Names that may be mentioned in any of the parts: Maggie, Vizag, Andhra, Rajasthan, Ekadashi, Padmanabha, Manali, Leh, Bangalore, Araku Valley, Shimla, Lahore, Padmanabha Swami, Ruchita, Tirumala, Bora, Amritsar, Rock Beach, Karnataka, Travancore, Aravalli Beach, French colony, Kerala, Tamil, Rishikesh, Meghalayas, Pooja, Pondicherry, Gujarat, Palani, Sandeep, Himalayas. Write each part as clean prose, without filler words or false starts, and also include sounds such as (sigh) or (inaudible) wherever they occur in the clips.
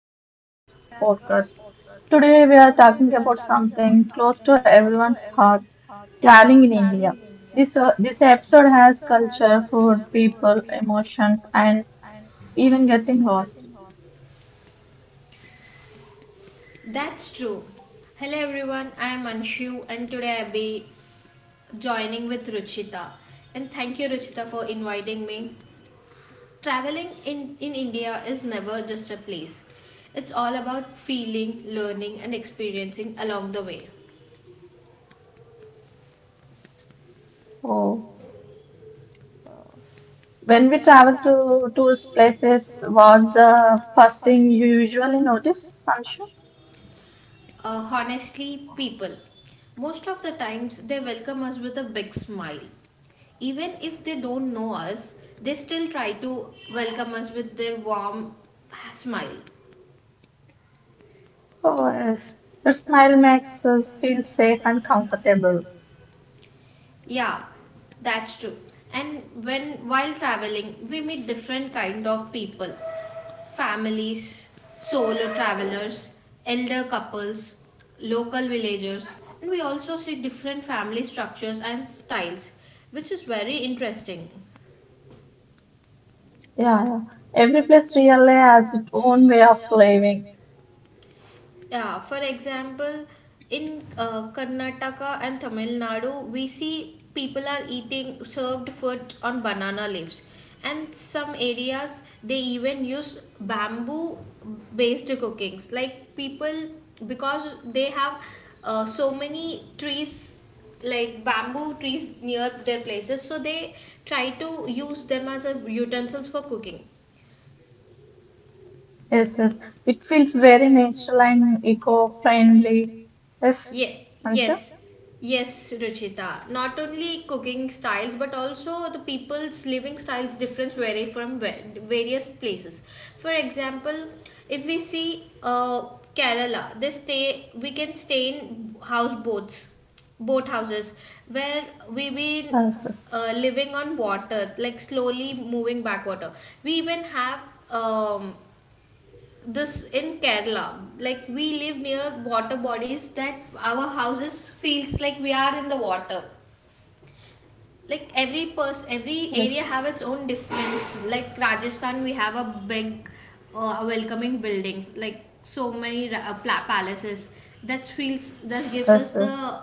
welcome back to our podcast. Today we are talking about something close to everyone's heart, traveling in India. This episode has culture, food, people, emotions, and even getting lost. That's true. Hello everyone, I am Anshu and today I'll be joining with Ruchita. And thank you Ruchita for inviting me. Traveling in India is never just a place. It's all about feeling, learning and experiencing along the way. So when we travel to tourist places, what's the first thing you usually notice, Sancho? Honestly, people. Most of the times they welcome us with a big smile. Even if they don't know us, they still try to welcome us with their warm smile. Oh, yes. The smile makes us feel safe and comfortable. Yeah, that's true. And when while traveling, we meet different kind of people, families, solo travelers, elder couples, local villagers, and we also see different family structures and styles, which is very interesting. Yeah, yeah. Every place really has its own way of living. Yeah, for example, in Karnataka and Tamil Nadu, we see people are eating served food on banana leaves. And some areas they even use bamboo based cookings. Like people, because they have so many trees, like bamboo trees near their places, so they try to use them as a utensils for cooking. Yes, yes. It feels very natural and eco-friendly. Yes, Yeah, Anshu? yes, yes, Ruchita. Not only cooking styles, but also the people's living styles difference vary from various places. For example, if we see Kerala, they stay. We can stay in houseboats, boat houses, where we be Yes, living on water, like slowly moving backwater. We even have um, this in Kerala. Like we live near water bodies that our houses feels like we are in the water. Like every area yes, have its own difference. Like Rajasthan, we have a big welcoming buildings, like so many palaces. That gives yes, us yes. the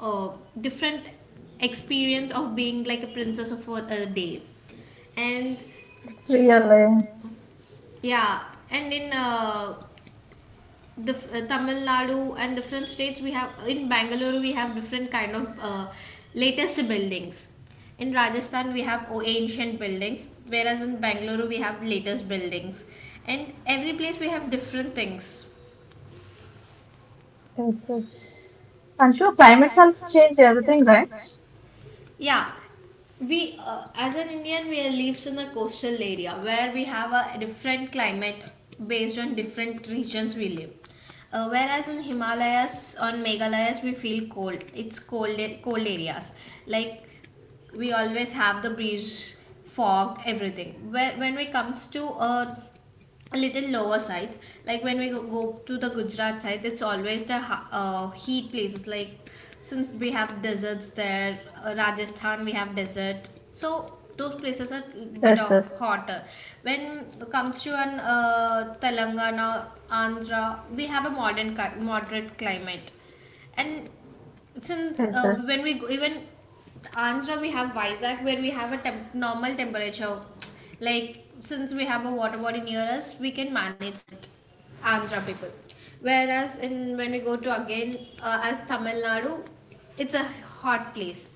uh, different experience of being like a princess of a day and It's really. yeah, and in the Tamil Nadu and different states, we have in Bangalore we have different kind of latest buildings. In Rajasthan we have ancient buildings, whereas in Bangalore we have latest buildings, and every place we have different things. Yes, yes. Anshu, climate has changed everything, right? Yeah, we as an Indian we are lives in a coastal area where we have a different climate based on different regions we live. Whereas in Himalayas on Meghalayas we feel cold. It's cold areas like we always have the breeze fog everything when it comes to little lower sides, like when we go to the Gujarat side it's always the heat places like since we have deserts there. Rajasthan we have desert, so those places are a bit Yes, of yes. hotter. When it comes to an Telangana Andhra we have a moderate climate. And since Yes, yes. when we go, even Andhra we have Vizag where we have a normal temperature (tsk) like since we have a water body near us we can manage it, Andhra people. Whereas in when we go to again as Tamil Nadu, it's a hot place.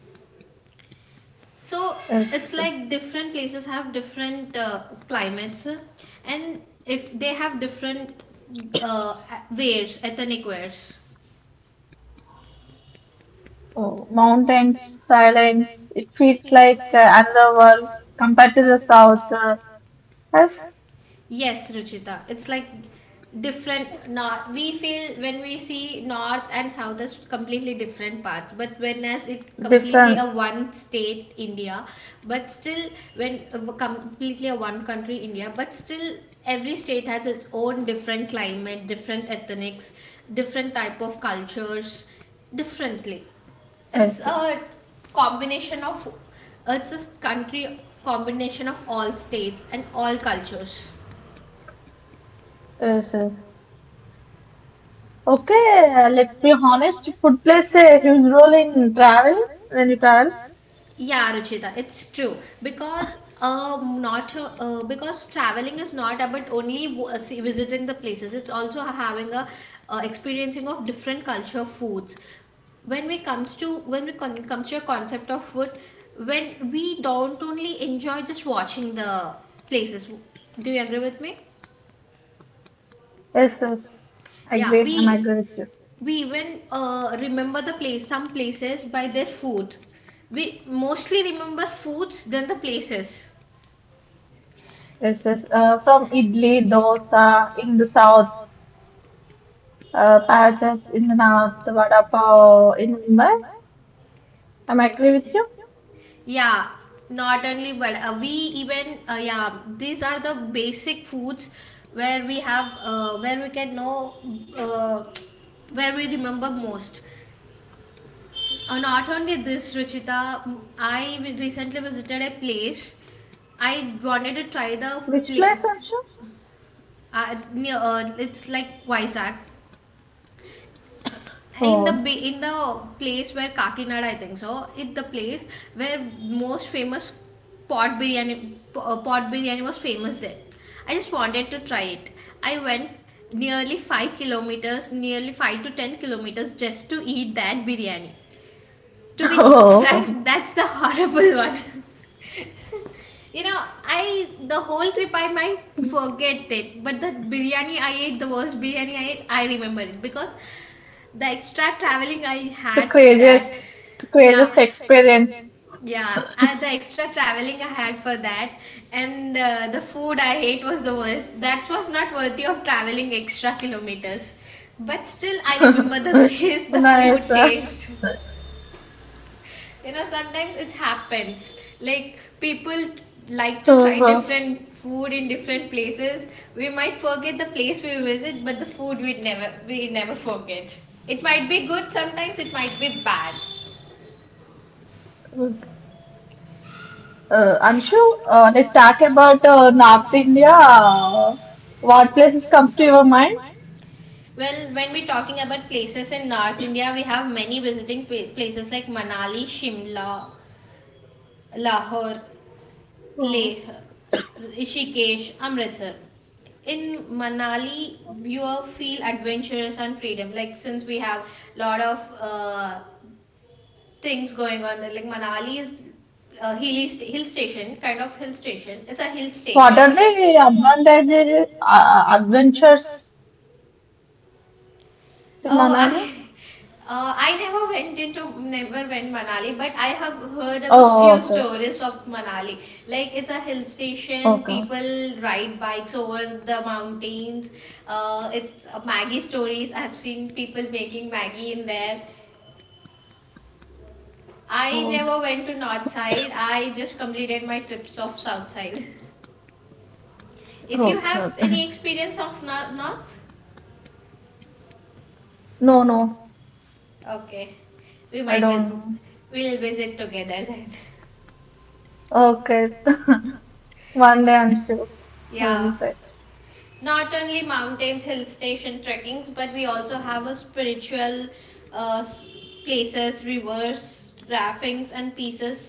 So Yes, it's yes. like different places have different climates, and if they have different uh, wears ethnic wears. Oh, mountains, silence. It feels like another world compared to the south. That's Yes, Ruchita. It's like different north we feel when we see north and south as completely different paths but when as it completely different. a one state India, but still when completely a one country India, but still every state has its own different climate, different ethnics, different type of cultures, differently. It's Yes, yes. a combination of, it's a country combination of all states and all cultures. Yes, yes. Okay, let's be honest. Food plays a huge role in travel when you travel. Yeah, Ruchita, it's true because not because traveling is not about only visiting the places. It's also having a experiencing of different culture foods. When we comes to a concept of food, when we don't only enjoy just watching the places. Do you agree with me? Yes, yes. I Yeah, agree. I'm we agree with you. we even remember the place, some places by their food. We mostly remember foods than the places. Yes, yes. From idli, dosa in the south, paratas in the north, vada pav in Mumbai. I'm agree with you. Yeah, not only but we even yeah, these are the basic foods where we have where we can know uh, (tsk) where we remember most. Not only this, Ruchita, recently visited a place. I wanted to try the Which place. place, Anshu? Near, it's like Vizag. In the Oh, in the place where Kakinada, I think so, it's the place where most famous pot biryani was famous there. I just wanted to try it. I went nearly 5 kilometers, nearly 5 to 10 kilometers just to eat that biryani. To be (laughs) oh, frank, that's the horrible (laughs) one. You know, I the whole trip I might forget it, but the biryani I ate, the worst biryani I ate, I remember it because the extra traveling I the had for craziest, that. (laughs) Yeah. craziest experience. Yeah, the extra traveling I had for that, and the food I ate was the worst. That was not worthy of traveling extra kilometers. But still, I remember the (laughs) place, (laughs) the food Nice. Taste, you know sometimes it happens like people like to try uh, different food in different places. We might forget the place we visit, but the food we never forget. It might be good, sometimes it might be bad. Anshu, let's talk about North India. What places comes to your Well, when we're talking about places in North India we have many places like Manali, Shimla, Lahore, Leh, mind? Rishikesh, Amritsar. In Manali, you will feel adventurous and freedom. Like since we have lot of things going on there, like Manali is a hill station, kind of hill station. It's a hill What station. are the advantages, adventures in Oh, Manali? I, (laughs) I never went Manali, but I have heard about Oh, few okay. stories of Manali. Like it's a hill station, Okay. people ride bikes over the mountains. It's Maggie stories. I've seen people making Maggie in there. I Okay. never went to north side. I just completed my trips of south side. (laughs) If you Okay. have Okay. any experience of north, No, no, okay, I we might don't vis- know. we'll visit together then. Okay. One day I'm sure. I will (laughs) Yeah. say. Not only mountains, hill station trekkings, but we also have a spiritual uh, s- places, rivers raftings and pieces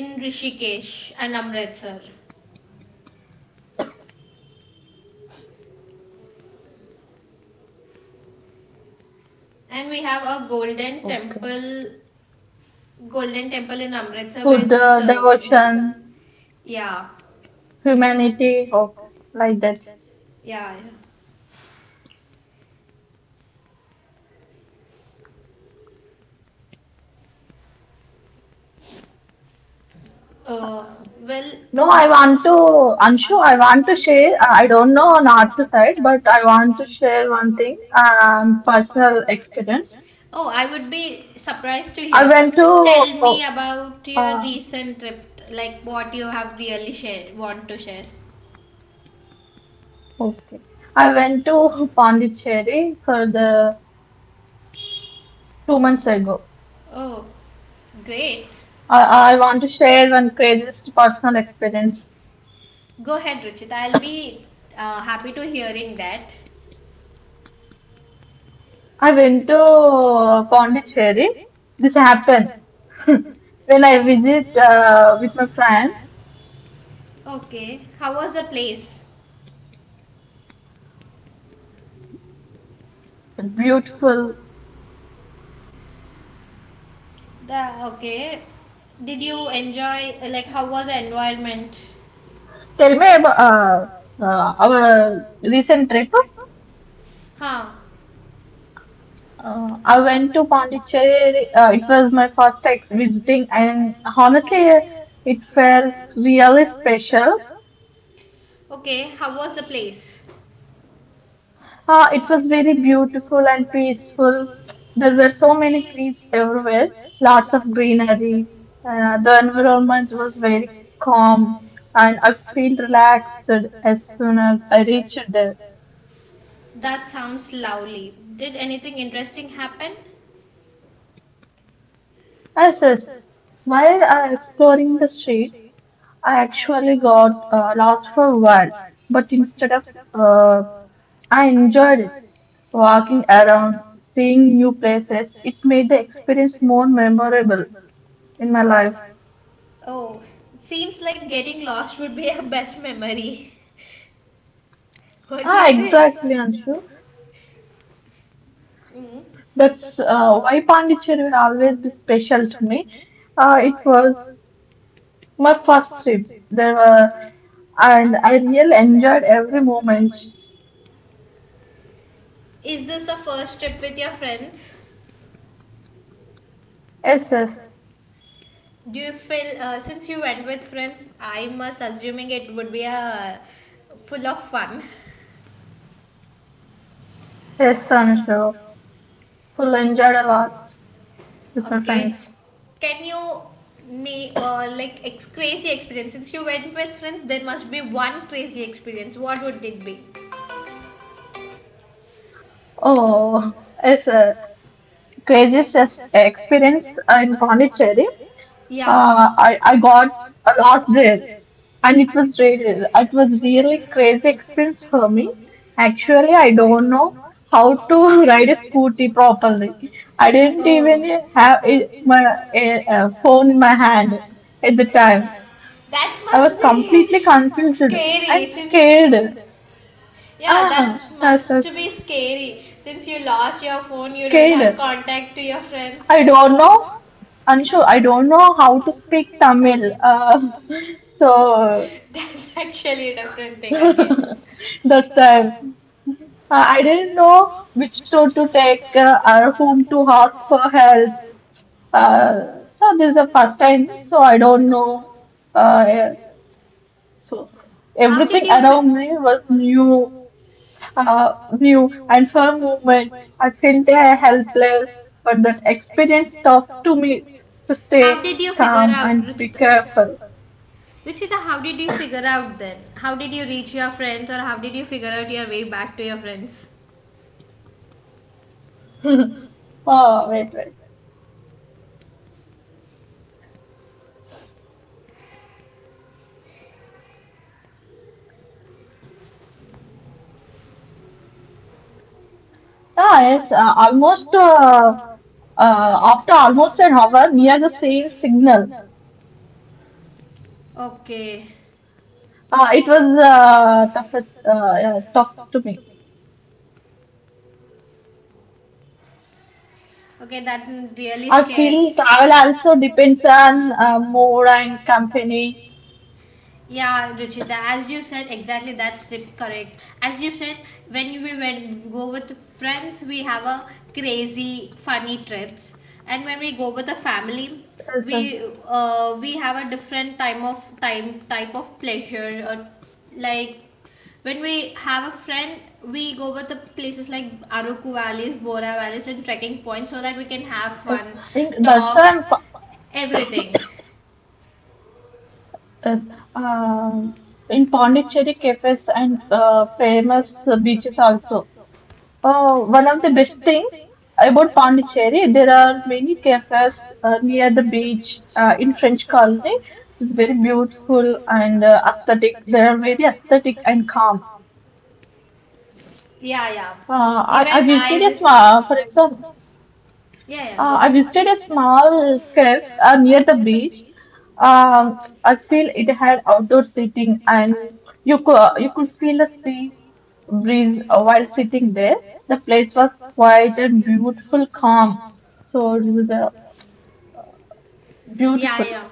in Rishikesh and Amritsar. And we have a golden Okay. temple, golden temple in Amritsar where Food, this th- devotion, yeah, humanity. Okay. Like that. yeah, yeah. uh, well No, I different want to, Anshu, I want to share, I don't know north side, but I want to share one thing, personal experience. Oh, I would be surprised to I hear, went tell to, me about your uh, recent trip like what you have really share want to share. okay. I went to Pondicherry for the 2 months ago. Oh, great. I want to share one craziest personal experience. Go ahead, Ruchita. I'll be happy to hearing that. I went to Pondicherry. This happened (laughs) when I visit with my friend. Okay. How was the place? Beautiful. The Okay. Did you enjoy like how was the environment? Tell me about our recent trip. Huh. I went to Pondicherry. It was my first ex visiting, and honestly, it felt really special. Okay, how was the place? Ah, it was very beautiful and peaceful. There were so many trees everywhere, lots of greenery. The environment was very calm, and I feel relaxed as soon as I reached there. That sounds lovely. Did anything interesting happen? As is, while I exploring the street, I actually got lost for a while, but instead of uh, I enjoyed it walking around, seeing new places. It made the experience more memorable in my life. Oh, seems like getting lost would be (laughs) our best memory. (laughs) What do Ah, you say? exactly, Anshu. Mm. That's why Pondicherry will always be special to me. It was my first trip. There were, and I really enjoyed every moment. Is this a first trip with your friends? Yes, yes, Do you feel since you went with friends, I must assuming it would be a full of fun. yes, Anshu. Full enjoyed a lot with my Okay, friends. can you name crazy experience? Since you went with friends, there must be one crazy experience. What would it be? Oh, it's a craziest experience in Pondicherry. Yeah. I got lost there, and it was really crazy experience for me. Actually, I don't know how to (laughs) ride a scooty properly. I didn't Oh, even have it, my phone in my hand at the time. that I must was be completely (laughs) confused scary. and Since scared. yeah, that Ah, yes, must yes, be scary. Since you lost your phone, you don't have scared. contact to your friends. I don't know, Anshu, I don't know how to speak Tamil. So (laughs) That's actually a different thing again. (laughs) that's time. I didn't know which store to take or whom to ask for help. Uh, so this is the first time, so I don't know. Yeah, so How did everything you feel? around me was new, new, and for a moment I felt helpless. But that experience taught to me to How stay did you figure calm out, and be Ruchita? careful. Ruchita, how did you figure out then? How did you reach your friends, or how did you figure out your way back to your friends? Oh, wait, wait. Ah, yes, almost. After almost an hour near the same signal. Okay, It was tough, tough to me. okay, that really I scares. feel travel also depends on mood and company. Yeah, Ruchita, as you said, exactly that's tip correct. As you said, when we when go with friends, we have a crazy funny trips, and when we go with a family, Yes, we yes, we have a different time of time type of pleasure or like when we have a friend we go with the places like Aruku valleys, Bora valleys and trekking points so that we can have yes. fun I think that's why talks I'm, everything. yes, um in Pondicherry cafes and famous beaches also. Oh, one of the best thing about Pondicherry, there are many cafes near the beach in French colony. It's very beautiful and aesthetic. They are very aesthetic and calm. Yeah, yeah, I even I visited a wish. small, for example, Yeah, yeah, go I ahead. visited a small cafe near the beach. Um, I feel it had outdoor seating, and you could feel the sea breeze while sitting there. The place was quiet and beautiful, calm. So it was Yeah, beautiful. yeah.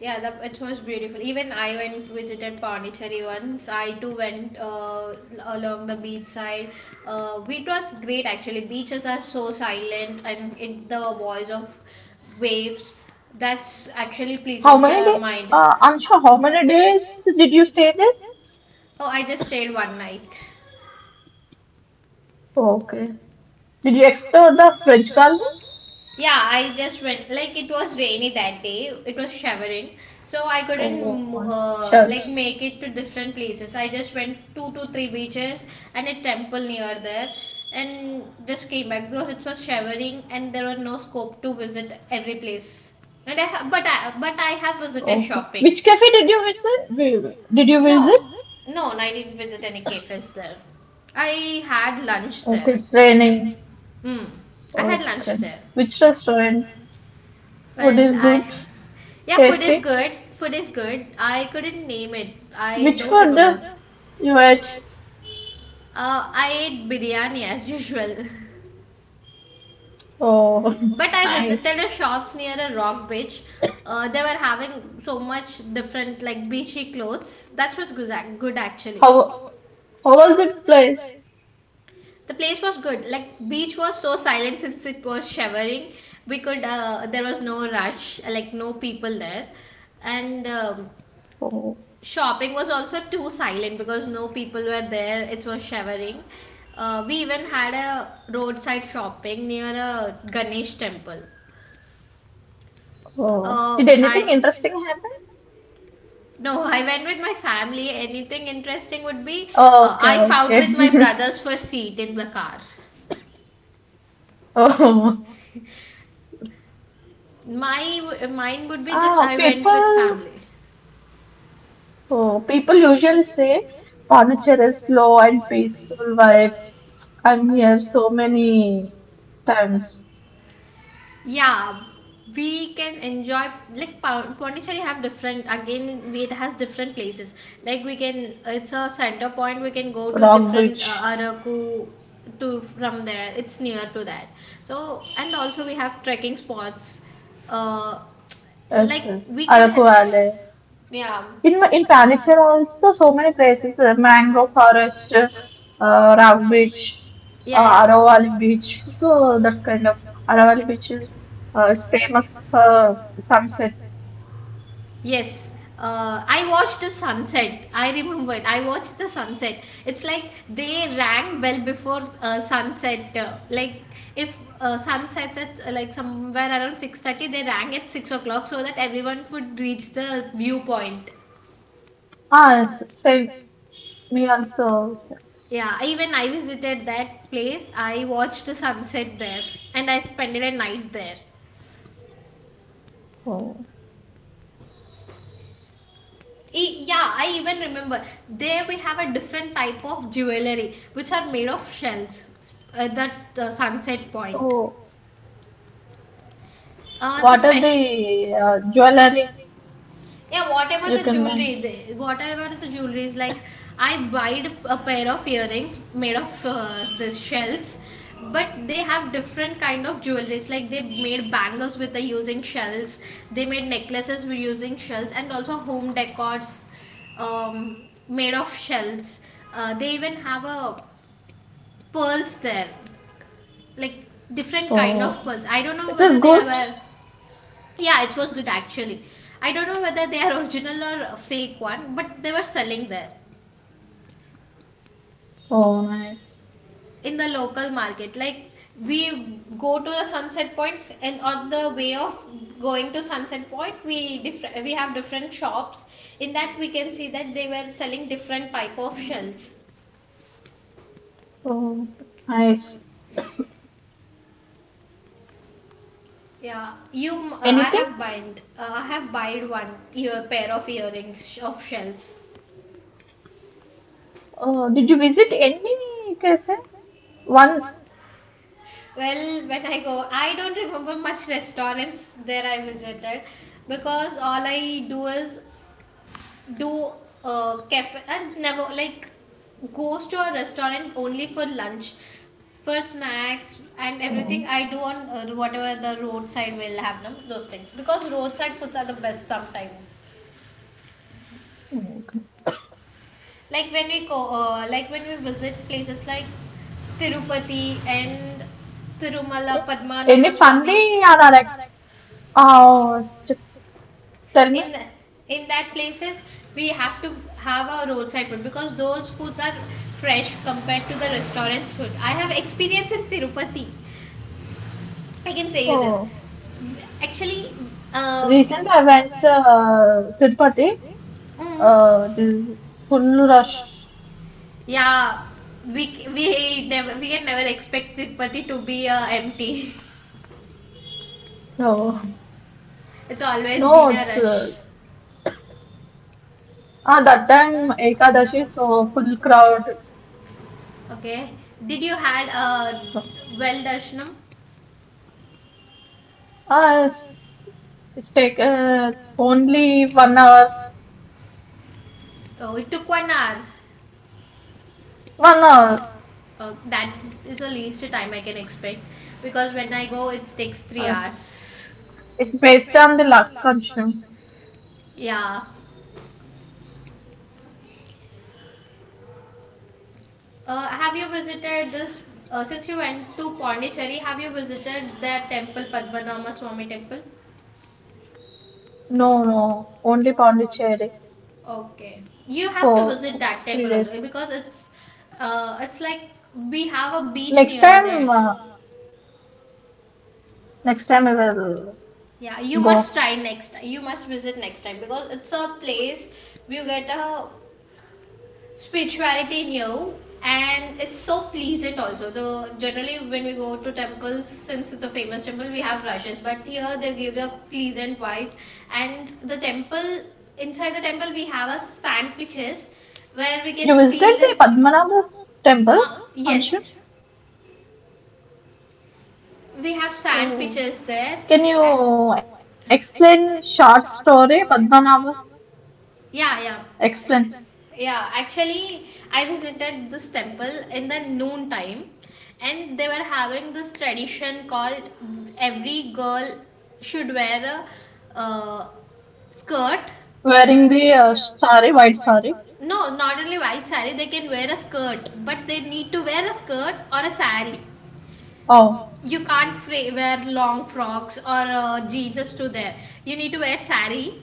Yeah, the, it was beautiful. Even I went visited Pondicherry once. I too went along the beach side. It was great actually. Beaches are so silent and it, the voice of waves that's actually How pleasant many your days? mind. Anshu, how many days did you stay there? Oh, I just stayed one night. Okay. Did you explore the French colony? Yeah, I just went like it was rainy that day. It was showering, so I couldn't Oh, like church. make it to different places. I just went 2 to 3 beaches and a temple near there, and just came back because it was showering and there was no scope to visit every place. And I ha- but I have visited Okay. Which shopping. cafe did you visit? Did you No, visit? no, I didn't visit any cafes there. I had lunch Okay, there. it's raining. Mm, I had lunch Okay. there. Which restaurant? Food Well, is I good, yeah, food is tasty. good. Food is good. I couldn't name it. I Which don't food remember. you ate? I ate biryani as (laughs) usual, Oh, but (laughs) I nice. visited a shops near a rock beach. They were having so much different like beachy clothes. That's what's good, good actually. How how was the place? The place was good. Like beach was so silent (laughs) since it was showering. We could there was no rush, like no people there, and Oh, shopping was also too silent because no people were there. It was shivering. We even had a roadside shopping near a Ganesh temple. oh. Did anything I interesting happen? No, (laughs) I went with my family. Anything interesting would be... Oh, okay, I fought with my okay. brothers for seat in the car. (laughs) Oh, My Mine would be just ah, I went with people. family. Oh, people usually say furniture is slow and peaceful, while, and he has so many times, Yeah, we can enjoy like Pondicherry have different, again it has different places. Like we can, it's a center point, we can go to Rock different Beach, Araku. To from there it's near to that, so and also we have trekking spots. uh like SS, we can Araku Valley. yeah. In Panicher also so many places, mangrove forest, Rock Beach, yeah yeah Aravalli Beach. So that kind of Aravalli Beach is, it's famous for sunset. Yes, I watched the sunset. I remembered. I watched the sunset. It's like they rang bell before sunset. Like if sunsets at like somewhere around 6:30, they rang at 6 o'clock so that everyone would reach the viewpoint. Ah, same me also. Yeah, even I visited that place. I watched the sunset there, and I spent a night there. Oh. Yeah, I even remember. There we have a different type of jewelry which are made of shells at that sunset point. So The what are the special. Jewelry Yeah, whatever you the can buy? jewelry, the, whatever the jewelry is like, I buyed a pair of earrings made of this shells, but they have different kind of jewelries. Like they made bangles with the using shells, they made necklaces with using shells, and also home decors made of shells. They even have a pearls there, like different kind of Oh, pearls. I don't know it is whether they good. were... yeah, it was good actually. I don't know whether they are original or a fake one, but they were selling there Oh, nice. in the local market. Like we go to the sunset point, and on the way of going to sunset point we different we have different shops. In that we can see that they were selling different type of shells. Oh, nice. Yeah you Anything? I have buyed one ear pair of earrings of shells. Did you visit any cafe? One. Well, when I go, I don't remember much restaurants there I visited because all I do is do a cafe and never like goes to a restaurant only for lunch. For snacks and everything Oh, I do on whatever the roadside will have them those things, because roadside foods are the best sometimes. okay. Like when we go, like when we visit places like Tirupati and Eh, Tirumala Padmanama any Swami, funny or oh, tell me. in the, in that places we have to have a roadside food because those foods are fresh compared to the restaurant food. I have experience in Tirupati. I can say you this Oh, actually. uh, recent I went to the Tirupati. mm, This is full rush. yeah, we never, we can never expect Tirupati to be empty. No, (laughs) It's always no, been a it's rush. That time Ekadashi, so full crowd. Okay, did you had a well darshanam? Ah, it's take only 1 hour. Oh, it took 1 hour. 1 hour. Uh, that is the least time I can expect, because when I go, it takes three Yes. hours. It's based on the Lakshman. Yeah. Have you visited this? Since you went to Pondicherry, have you visited that temple, Padmanabha Swami temple? No, no, only Pondicherry Okay, you have to for visit that three temple also days. because it's like we have a beach Next near time, there. uh, next time I will Yeah, you go. must try next time. You must visit next time because it's a place you get a spirituality new, and it's so pleasant also. Though generally when we go to temples, since it's a famous temple, we have rushes, but here they give you a pleasant vibe. And the temple, inside the temple we have a sand pitches where we can feel the You visited the Padmanabha uh, temple, yes, Anshu. we have sand pitches Oh. there. uh, Can you explain short story, Padmanabha? yeah. Explain. Yeah, actually, I visited this temple in the noon time, and they were having this tradition called every girl should wear a skirt. Wearing the sari, white sari. No, not only white sari, they can wear a skirt, but they need to wear a skirt or a sari. You Oh, can't wear long frocks or jeans to there. You need to wear sari,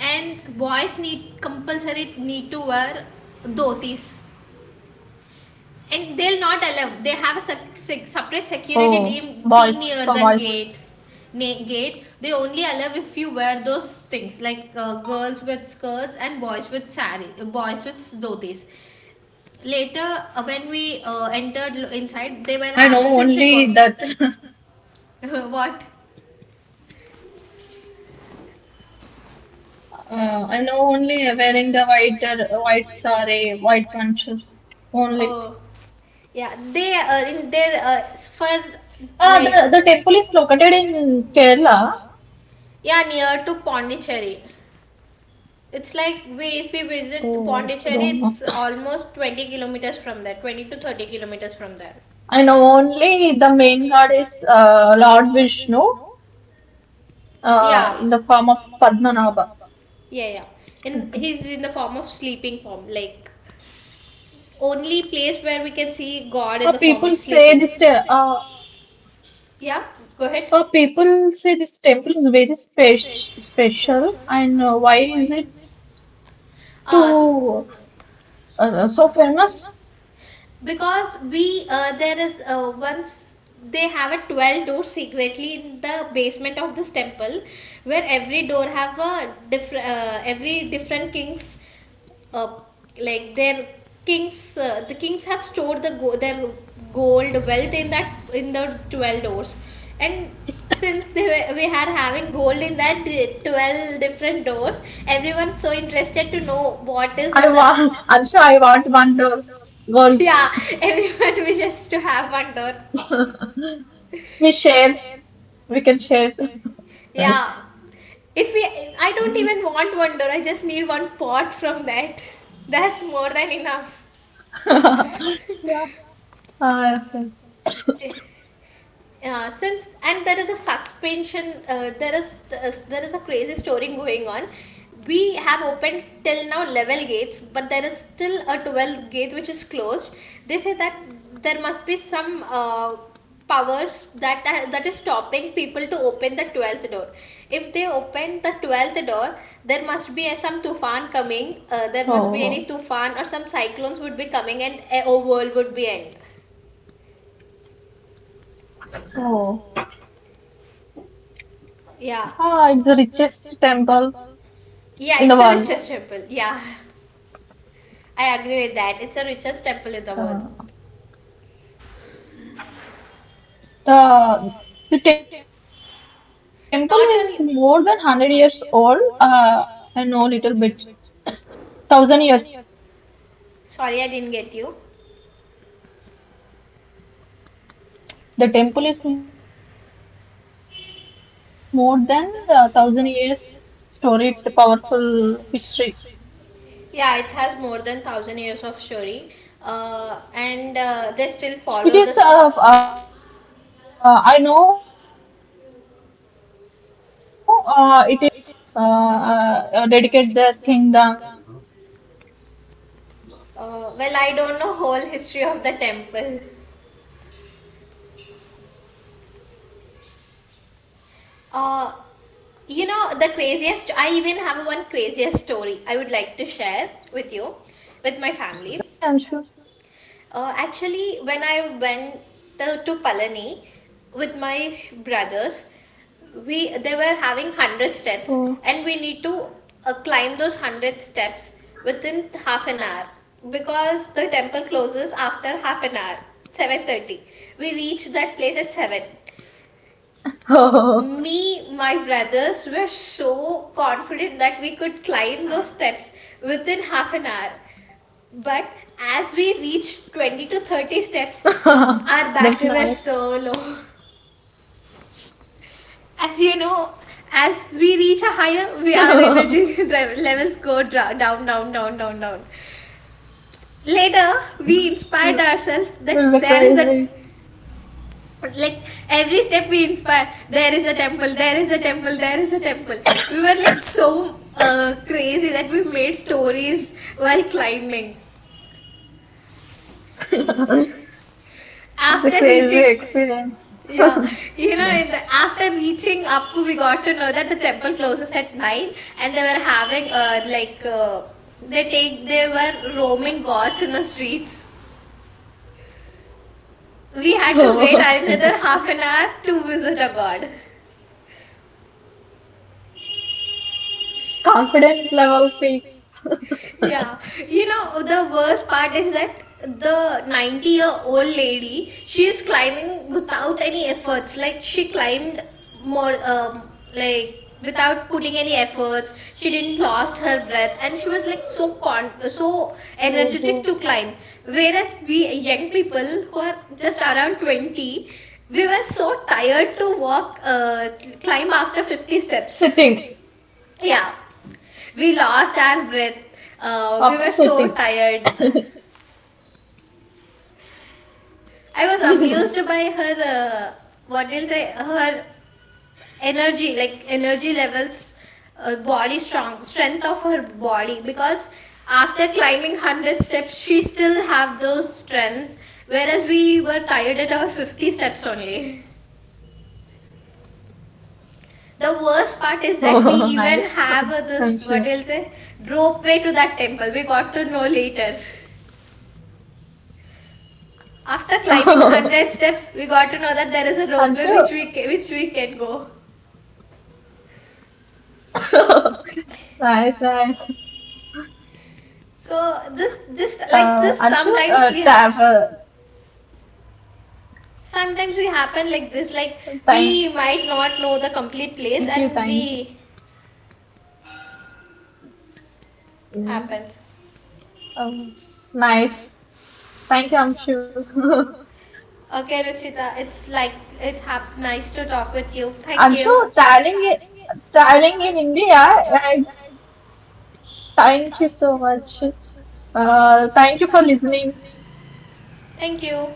and boys need compulsory need to wear dhotis. And they'll not allow. They have a separate oh, security boys team for team boys. near the gate. Gate, they only allow if you wear those things, like girls with skirts and boys with sari, boys with dhotis. Later, when we entered inside, they were I having know since it was... only that (laughs) (laughs) what. I know only wearing the white white sari, white bunches only. Oh, yeah, they in their for Ah, the, like the temple is located in Kerala. yeah, near to Pondicherry. It's like we if we visit Oh, I Pondicherry, don't know. it's almost 20 kilometers from there, 20 to 30 kilometers from there. I know only the main god is Lord Vishnu Yeah, in the form of Padmanabha. yeah, yeah. And Okay. he's in the form of sleeping form, like only place where we can see God in the form People of say sleeping. this. Uh, Yeah, go ahead. People say this temple is very special, and why is it Uh, s- too so famous? because we there is once they have a 12-door secretly in the basement of this temple, where every door have a different every different king's uh, like their kings the kings have stored the their gold wealth in that in the 12 doors. And since they were, we are having gold in that 12 different doors, everyone's so interested to know what is I in the... want, Anshu, I want one dog. (laughs) Well, yeah, everyone (laughs) wishes to have one door. we share, we can share. Yeah, if we... I don't even want one door, I just need one pot from that. (laughs) That's more than enough. (laughs) Ah, yes, yes. (laughs) Since, and there is a suspension there is a crazy story going on. We have opened till now level gates, but there is still a 12th gate which is closed. They say that there must be some powers that is stopping people to open the 12th door. If they open the 12th door, there must be some tufan coming. There must be any tufan or Oh, some cyclones would be coming, and a world would be end. oh, Yeah. ah, it's the richest temple Yeah, in the it's a world. richest temple. Yeah, (laughs) I agree with that. It's a richest temple in the world. Uh, the the temple is more than 100 years Not old. only, I know little bit, 1,000 years. sorry, I didn't get you. The temple is more than 1,000 years old. I know a little bit story. It's a powerful history. Yeah, it has more than thousand years of story, and they still It follow the. is I know it is related to it is belongs to Travancore kings dedicate their kingdom. Well, I don't know whole history of the temple. Mm, I know it is the Uh, Travancore kingdom's you know the craziest. I even kingdom. have one craziest story I would like to share with you, with my family. Tell me, Anshu. Actually, when I went to Palani with my brothers, we they were having Oh, 100 steps, and we need to climb those 100 steps within half an hour, because the temple closes after half an hour, 7:30. We reached that place at seven. oh. Me, my brothers were so confident that we could climb those steps within half an hour, but as we reached (laughs) 20 to 30 That's steps, nice. our battery was so low. As you (laughs) know, as we reach a higher, we, our energy (laughs) levels go down, down, down, down, down. Later, we inspired ourselves This is that a there is a crazy. like every step we inspire, there is a temple, there is a temple, there is a temple. We were like so crazy that we made stories while climbing. (laughs) This is a After crazy reaching, experience. yeah, (laughs) you know, in the after reaching up, we got to know that the temple closes at 9, and they were having they take, they were roaming gods in the streets. We had to wait another half an Oh, hour to visit a god. confident level peaks. Yeah, you know the worst part is that the 90-year-old lady, she is climbing without any efforts. Like she climbed more like without putting any efforts, she didn't lost her breath, and she was like so con so energetic to (laughs) climb. Whereas we young people who are just around 20, we were so tired to walk climb after 50 steps. Sitting. Yeah, we lost our breath. We were After so sitting. (laughs) tired. I was amused by her. What do you say? Her energy, like energy levels, body strong strength of her body. Because after climbing 100 steps, she still have those strength. Whereas we were tired at our 50 steps only. The worst part Oh, is that we nice. even have Anshu. this what will say rope way to that temple. We got to know later. After climbing Oh, 100 steps, we got to know that there is a ropeway Anshu. which we which we can go. (laughs) Nice, nice. So this like this, Anshu, sometimes we have, travel. sometimes we happen like this, like we might Thank you not know the like, for complete place explaining. and we happens. Mm. Um, Nice. Thank you, Okay, Ruchita, Anshu. (laughs) it's like Anshu, nice to talk traveling, with you. i- Thank you. traveling in India. Thank you so much. Thank you for listening. Thank you.